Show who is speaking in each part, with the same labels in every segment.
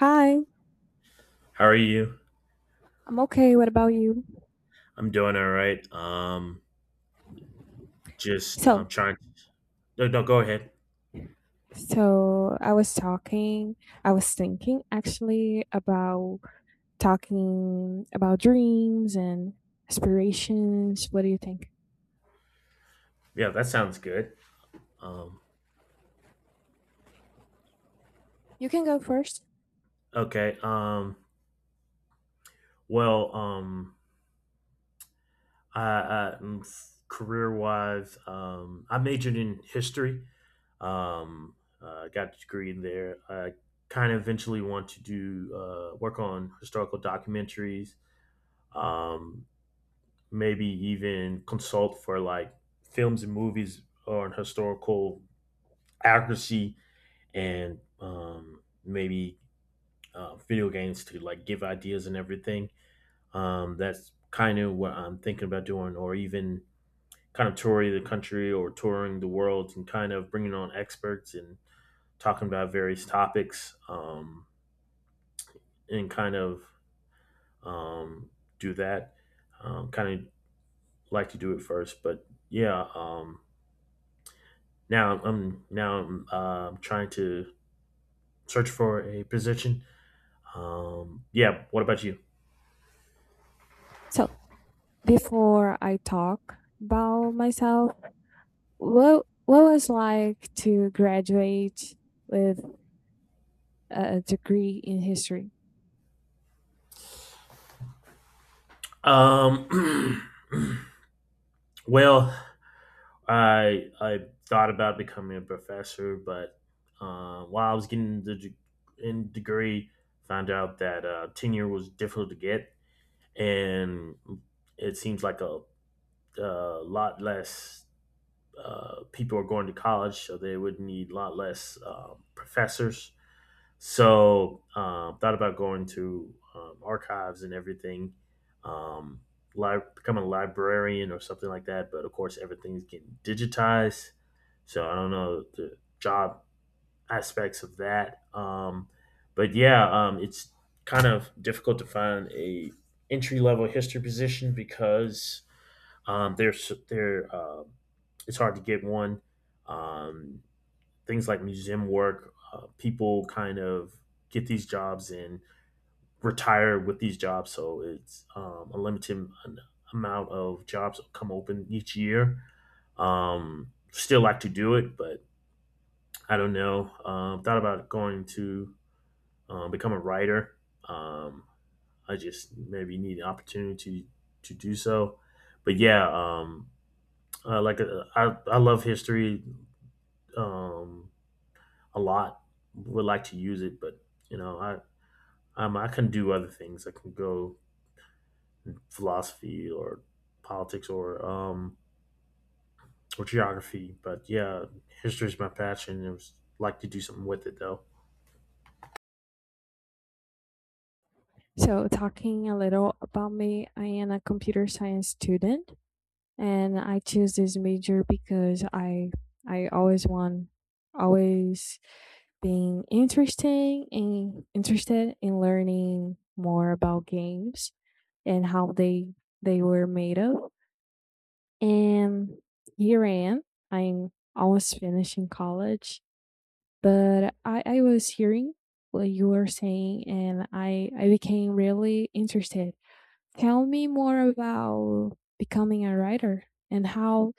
Speaker 1: Hi,
Speaker 2: How are you?
Speaker 1: I'm okay. What about you?
Speaker 2: I'm doing all right. Just
Speaker 1: So,
Speaker 2: I'm trying. No, no, go ahead.
Speaker 1: so I was I was thinking actually about talking about dreams and aspirations. What do you think?
Speaker 2: Yeah, that sounds good. Um,
Speaker 1: You can go first.
Speaker 2: okay. Well, I career wise, I majored in history. Um, got a degree in there. I kind of eventually want to do work on historical documentaries. Um, Maybe even consult for like films and movies on historical accuracy, and maybe video games to like give ideas and everything. That's kind of what I'm thinking about doing, or even kind of touring the country or touring the world and kind of bringing on experts and talking about various topics, and kind of um, do that. Kind of like to do it first, but yeah. Now I'm trying to search for a position. Yeah. What about you?
Speaker 1: So, before I talk about myself, what was like to graduate with a degree in history?
Speaker 2: Um, well, I thought about becoming a professor, but while I was getting the in degree, found out that tenure was difficult to get, and it seems like a lot less people are going to college, so they would need a lot less professors. So thought about going to archives and everything, um, becoming a librarian or something like that. But of course, everything's getting digitized, so I don't know the job aspects of that. But yeah, it's kind of difficult to find a entry level history position because there's there it's hard to get one. Um, Things like museum work. People kind of get these jobs and retire with these jobs, so it's a limited an- amount of jobs come open each year. Still like to do it, but I don't know. Thought about going to become a writer. Um, I just maybe need an opportunity to do so. But yeah, like I love history. Um, a lot. Would like to use it, but you know, I I can do other things. I can go philosophy or politics or geography. But yeah, history is my passion. I was like to do something with it though.
Speaker 1: So, talking a little about me, I am a computer science student and I choose this major because I always want always being interesting and interested in learning more about games and how they were made of. And here I am. I'm almost finishing college, but I was hearing what you were saying and I became really interested. Tell me more about becoming a writer and how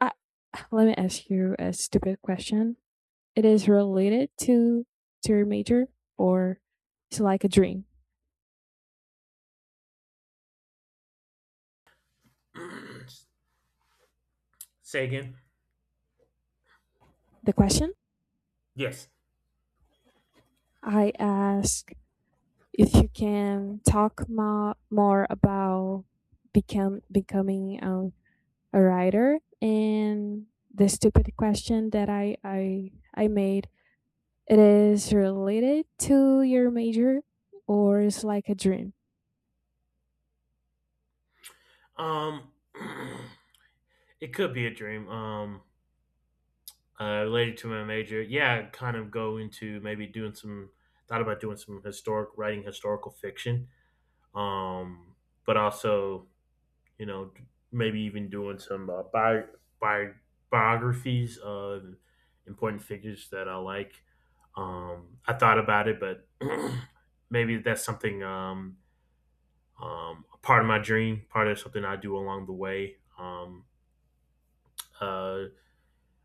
Speaker 1: I, let me ask you a stupid question. It is related to your major, or it's like a dream.
Speaker 2: Say again.
Speaker 1: The question
Speaker 2: Yes.
Speaker 1: I ask if you can talk more about become becoming a writer and the stupid question that I made. It is related to your major, or it's like a dream.
Speaker 2: Um, it could be a dream. Related to my major. Yeah, I'd kind of go into maybe doing some. Thought about doing some historic writing, historical fiction. Um, but also, you know, maybe even doing some bi- biographies of important figures that I like. I thought about it, but maybe that's something part of my dream, part of something I do along the way. Uh,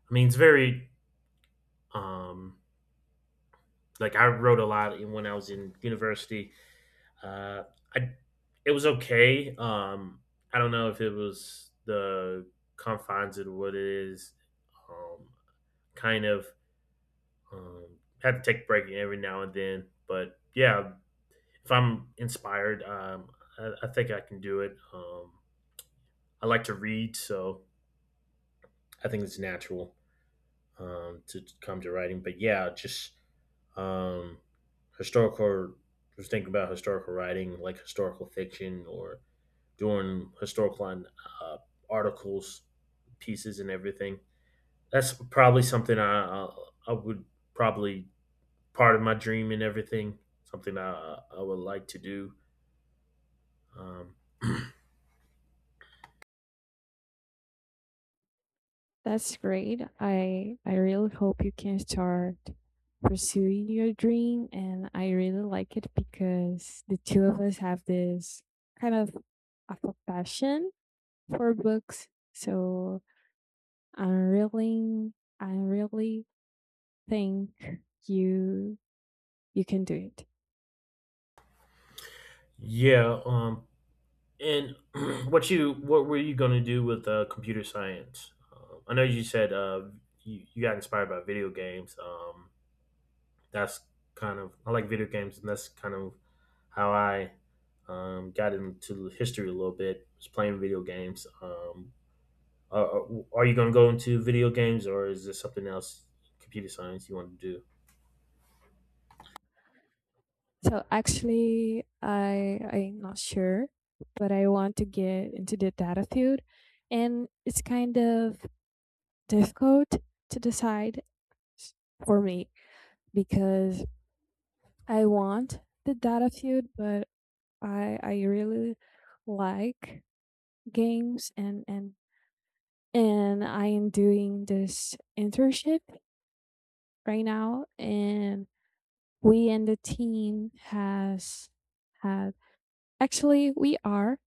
Speaker 2: I mean, it's very um, like I wrote a lot when I was in university. Uh, I It was okay. I don't know if it was the confines of what it is. Um, Kind of have to take a break every now and then. But yeah, if I'm inspired, I think I can do it. I like to read, so I think it's natural to come to writing. But yeah, just um, historical. Just think about historical writing, like historical fiction, or doing historical uh, articles, pieces, and everything. That's probably something I would probably part of my dream and everything. Something I would like to do. Um,
Speaker 1: That's great. I really hope you can start pursuing your dream and I really like it because the two of us have this kind of a passion for books. So I'm really I really think you you can do it.
Speaker 2: yeah. And what were you going to do with computer science? I know you said you got inspired by video games. That's kind of I like video games, and that's kind of how I got into history a little bit. Was playing video games. Are, are are you going to go into video games, or is this something else, computer science, you want to do?
Speaker 1: So actually I'm not sure, but I want to get into the data field and it's kind of difficult to decide for me because I want the data field, but I really like games and I am doing this internship right now and we and the team has had actually we are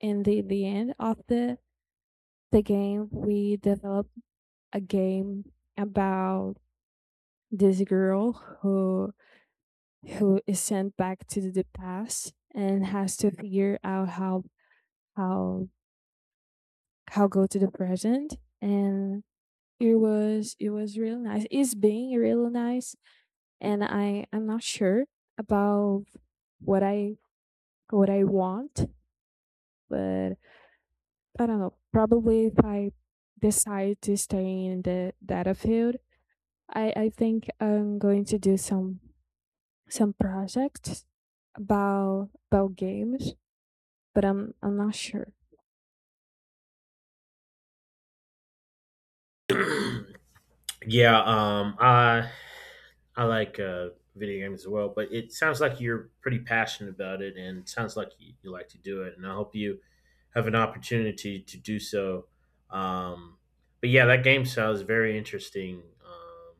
Speaker 1: in the end of the game we developed a game about this girl who who is sent back to the past and has to figure out how how go to the present and it was real nice it's being real nice and I'm not sure about what i what I want but I don't know probably if I decide to stay in the data field I think I'm going to do some projects about games but I'm not sure.
Speaker 2: Yeah, I like video games as well, but it sounds like you're pretty passionate about it, and sounds like you like to do it. And I hope you have an opportunity to do so. Um, but yeah, that game sounds very interesting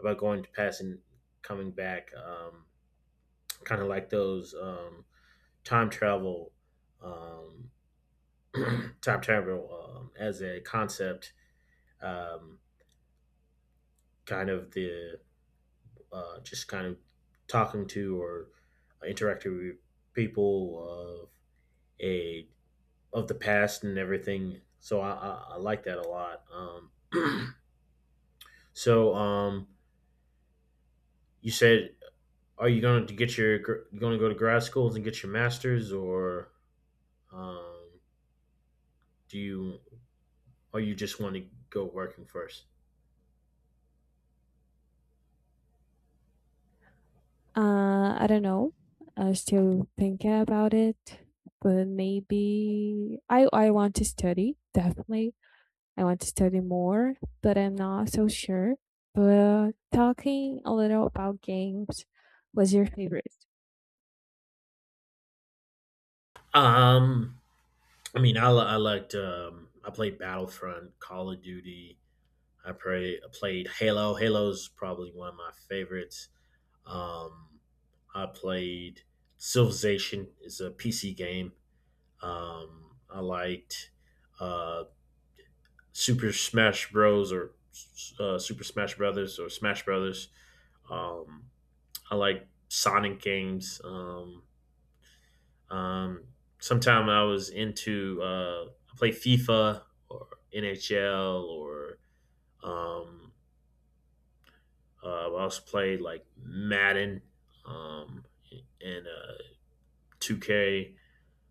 Speaker 2: about going to past and coming back. Kind of like those time travel, um, time travel as a concept. Um, Kind of the just kind of talking to or interacting with people of a of the past and everything. So I like that a lot. So you said, are you going to get your you going to go to grad schools and get your masters, or um, do you or you just want to go working first?
Speaker 1: I don't know. I still thinking about it, but maybe I want to study, definitely. I want to study more, but I'm not so sure. But talking a little about games, what's your favorite?
Speaker 2: Um, I mean, I liked I played Battlefront, Call of Duty, played Halo. Halo's probably one of my favorites. Um, I played Civilization. It's a PC game. I liked uh, Super Smash Bros. Or Super Smash Brothers or Smash Brothers. Um, I like Sonic games. Um, Sometime I was into I play FIFA or NHL or um, Uh, I also played like Madden um, and 2K.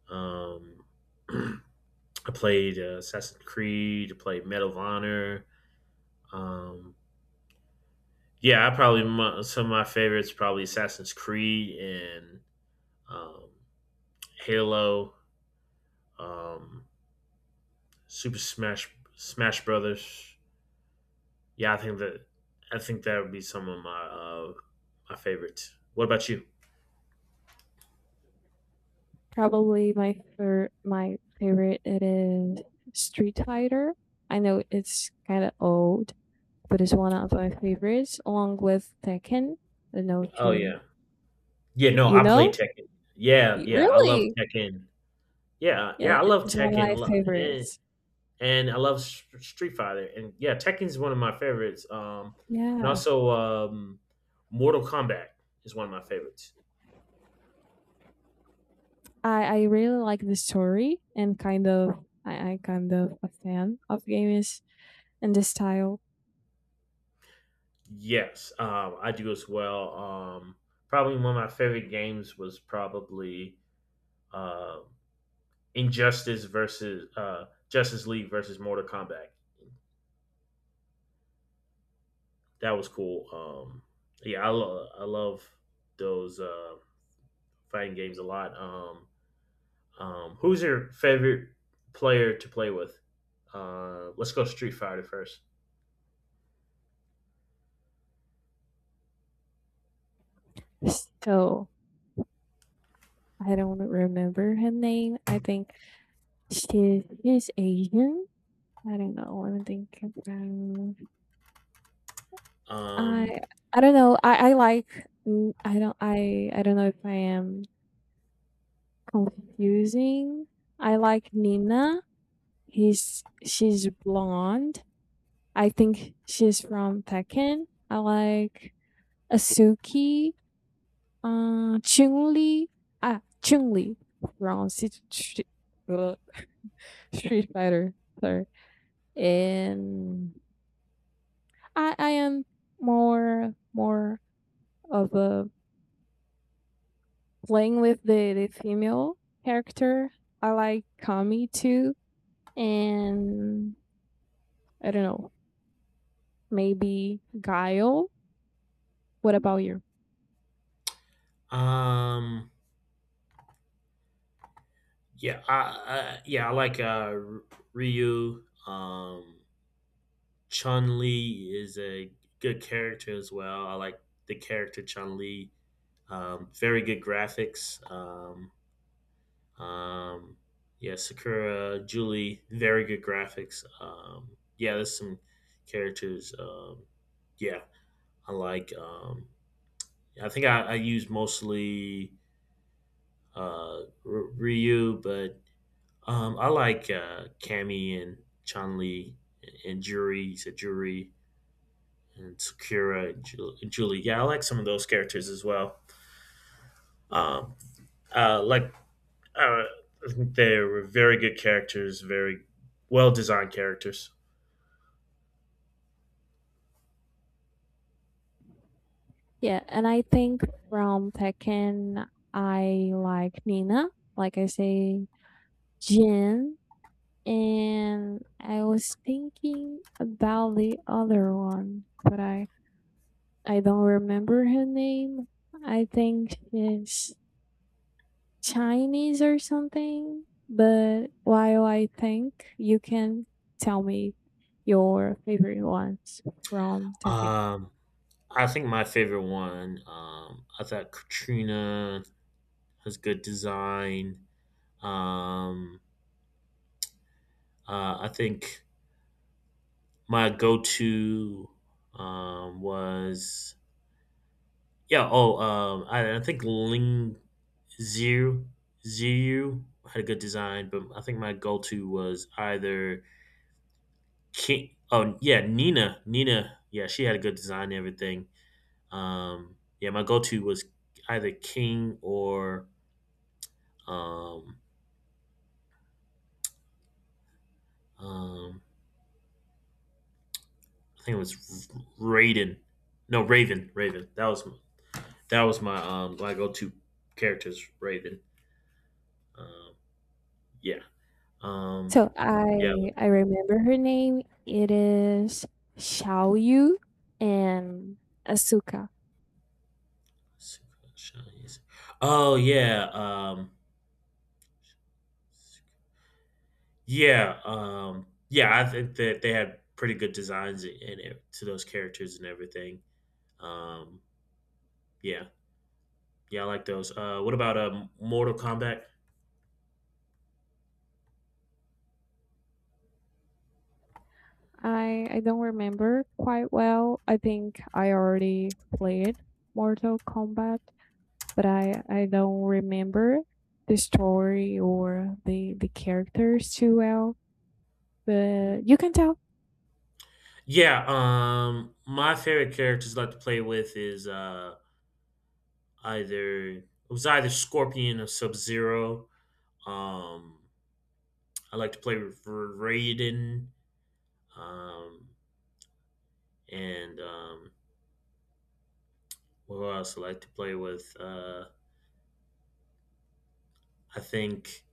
Speaker 2: Um, I played Assassin's Creed. I played Medal of Honor. Um, yeah, some of my favorites probably Assassin's Creed and um, Halo, um, Super Smash Brothers. Yeah, I think that would be some of my my favorites. What about you?
Speaker 1: Probably my my favorite it is Street Fighter. I know it's kind of old, but it's one of my favorites, along with Tekken. I don't know if
Speaker 2: Oh
Speaker 1: you
Speaker 2: yeah, yeah, no,
Speaker 1: you
Speaker 2: I play
Speaker 1: know?
Speaker 2: Tekken. Yeah,
Speaker 1: Y-
Speaker 2: yeah, I love
Speaker 1: Really?
Speaker 2: Tekken. Yeah,
Speaker 1: Yeah,
Speaker 2: yeah, I
Speaker 1: it
Speaker 2: love
Speaker 1: it's one of
Speaker 2: Tekken, a
Speaker 1: my
Speaker 2: lo and
Speaker 1: favorites.
Speaker 2: and I love St Street Fighter, and yeah, Tekken's one of my favorites, and
Speaker 1: Yeah.
Speaker 2: also, Mortal Kombat is one of my favorites.
Speaker 1: I really like the story and kind of I kind of a fan of games and the style.
Speaker 2: Yes, I do as well, probably one of my favorite games was probably, uh, Injustice versus, Justice League versus Mortal Kombat. That was cool, um, yeah, I love those, fighting games a lot. Who's your favorite player to play with? Let's go Street Fighter first.
Speaker 1: So, I don't remember her name. I think she is Asian. I don't know. I don't think um,
Speaker 2: Um,
Speaker 1: I I don't know. I like I don't know if I am confusing. I like Nina. He's she's blonde I think she's from Tekken. I like Asuki, Chun Li, ah, Chun Li from Street, Street- uh, Fighter. Sorry, and I am more of a playing with the female character. I like Kami too, and I don't know maybe Guile. What about you?
Speaker 2: um, yeah, I like Ryu. Chun Li is a good character as well. I like the character Chun Li. Very good graphics. Um, yeah, Sakura, Julie, very good graphics. Yeah, there's some characters. Yeah, I like. I think I use mostly uh, Ryu, but I like Kami and Chun Li and Jury. He said Jury and Sakura and Julie. Yeah, I like some of those characters as well. Um, uh, like Uh, they were very good characters, very well designed characters.
Speaker 1: Yeah, and I think from Tekken, I like Nina, like I say, Jin, and I was thinking about the other one, but I don't remember her name. I think she's Chinese or something. But while I think, you can tell me your favorite ones from Tekken.
Speaker 2: Um, I think my favorite one. I thought Katrina has good design. Um, I think my go-to was yeah. Oh, I think Ling Zero Zero had a good design, but I think my go-to was either Ki oh yeah, Nina, yeah, she had a good design and everything. Yeah, my go-to was either King or um, um, I think it was Raiden. No, Raven, Raven. That was my my go-to characters, Raven. Um, yeah, um,
Speaker 1: So
Speaker 2: yeah.
Speaker 1: I remember her name. It is Xiaoyu and Asuka.
Speaker 2: Let's see. Oh yeah. Yeah, I think that they had pretty good designs in it to those characters and everything. Um, yeah, yeah, I like those. What about Mortal Kombat?
Speaker 1: I don't remember quite well. I think I already played Mortal Kombat, but I don't remember the story or the characters too well.
Speaker 2: Mm.
Speaker 1: But you can tell.
Speaker 2: Yeah, my favorite characters I like to play with is either it was either Scorpion or Sub Zero. Um, I like to play with Raiden, um, and who else I like to play with? I think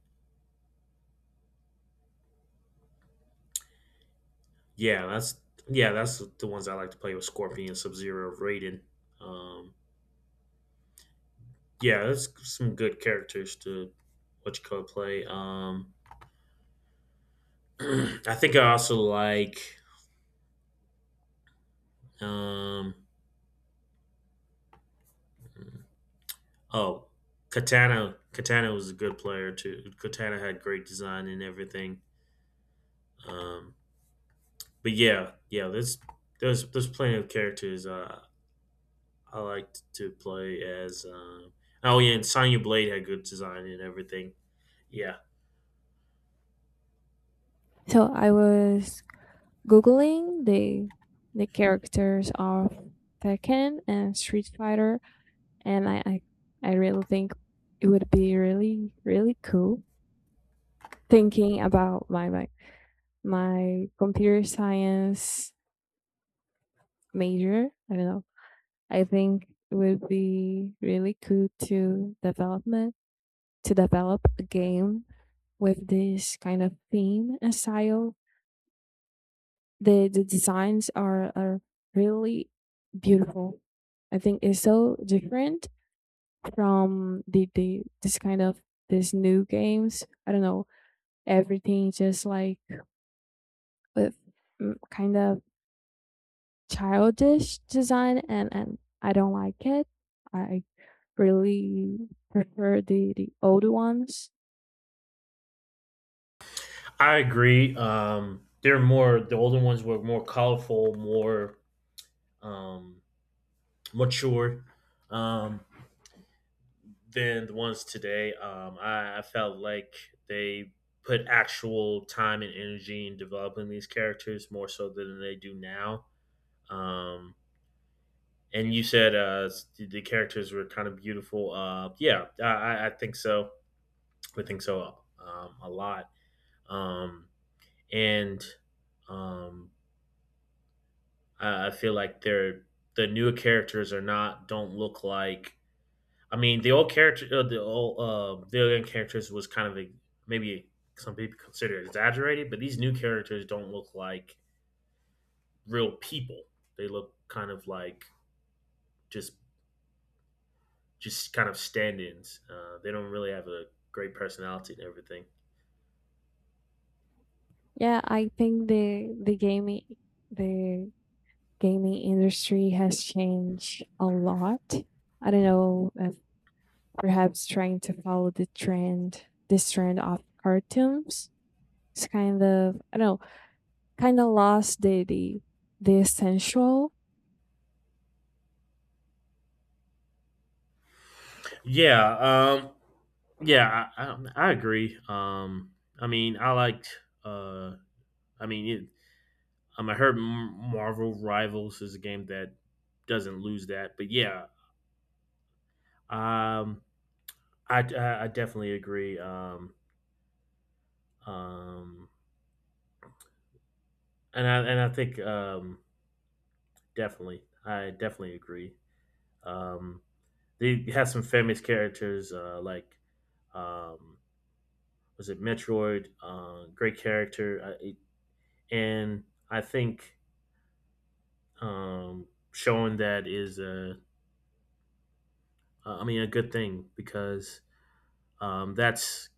Speaker 2: Yeah, that's the ones I like to play with Scorpion, Sub Zero, Raiden. Um, yeah, that's some good characters to, what you call it, play. I think I also like um, oh Katana. Katana was a good player too. Katana had great design and everything. Um, but yeah, yeah, there's plenty of characters I liked to play as. Oh yeah, and Sonya Blade had good design and everything. Yeah,
Speaker 1: So I was googling the characters of Tekken and Street Fighter and I I really think it would be really really cool thinking about my computer science major. I don't know. I think it would be really cool to develop a game with this kind of theme and style. The designs are really beautiful. I think it's so different from the this kind of these new games. I don't know everything just like with kind of childish design and I don't like it. I really prefer the old ones.
Speaker 2: I agree. The older ones were more colorful, more um, mature um, than the ones today. I felt like they put actual time and energy in developing these characters more so than they do now. Um, and you said the characters were kind of beautiful. Yeah, I think so. I think so a lot. Um, and um, I feel like the newer characters are not don't look like. I mean, the old characters was kind of maybe some people consider it exaggerated, but these new characters don't look like real people. They look kind of like just just kind of stand-ins. They don't really have a great personality and everything.
Speaker 1: Yeah, I think the the gaming industry has changed a lot. I don't know if perhaps trying to follow the trend this trend of cartoons. It's kind of I don't know, kind of lost the essential.
Speaker 2: Yeah, um, yeah, I agree. I mean, I liked. Uh, I mean, it, I heard Marvel Rivals is a game that doesn't lose that, but yeah, um, I definitely agree. Um, and I think definitely agree. Um, they have some famous characters like um, was it Metroid? Great character, and I think showing that is a I mean a good thing because that's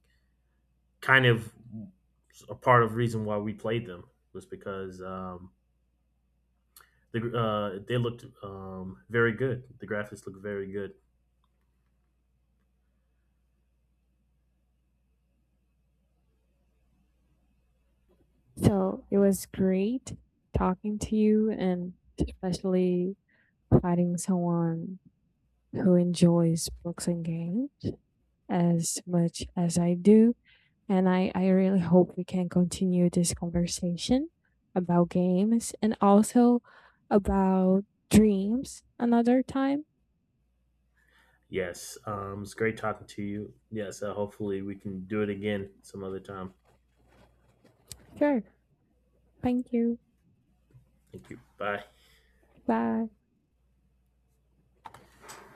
Speaker 2: kind of a part of the reason why we played them was because they looked very good. The graphics looked very good.
Speaker 1: So it was great talking to you and especially finding someone who enjoys books and games as much as I do. And I really hope we can continue this conversation about games and also about dreams another time.
Speaker 2: Yes, it's great talking to you. Yes, hopefully we can do it again some other time.
Speaker 1: Sure. Thank you.
Speaker 2: Thank you. Bye.
Speaker 1: Bye.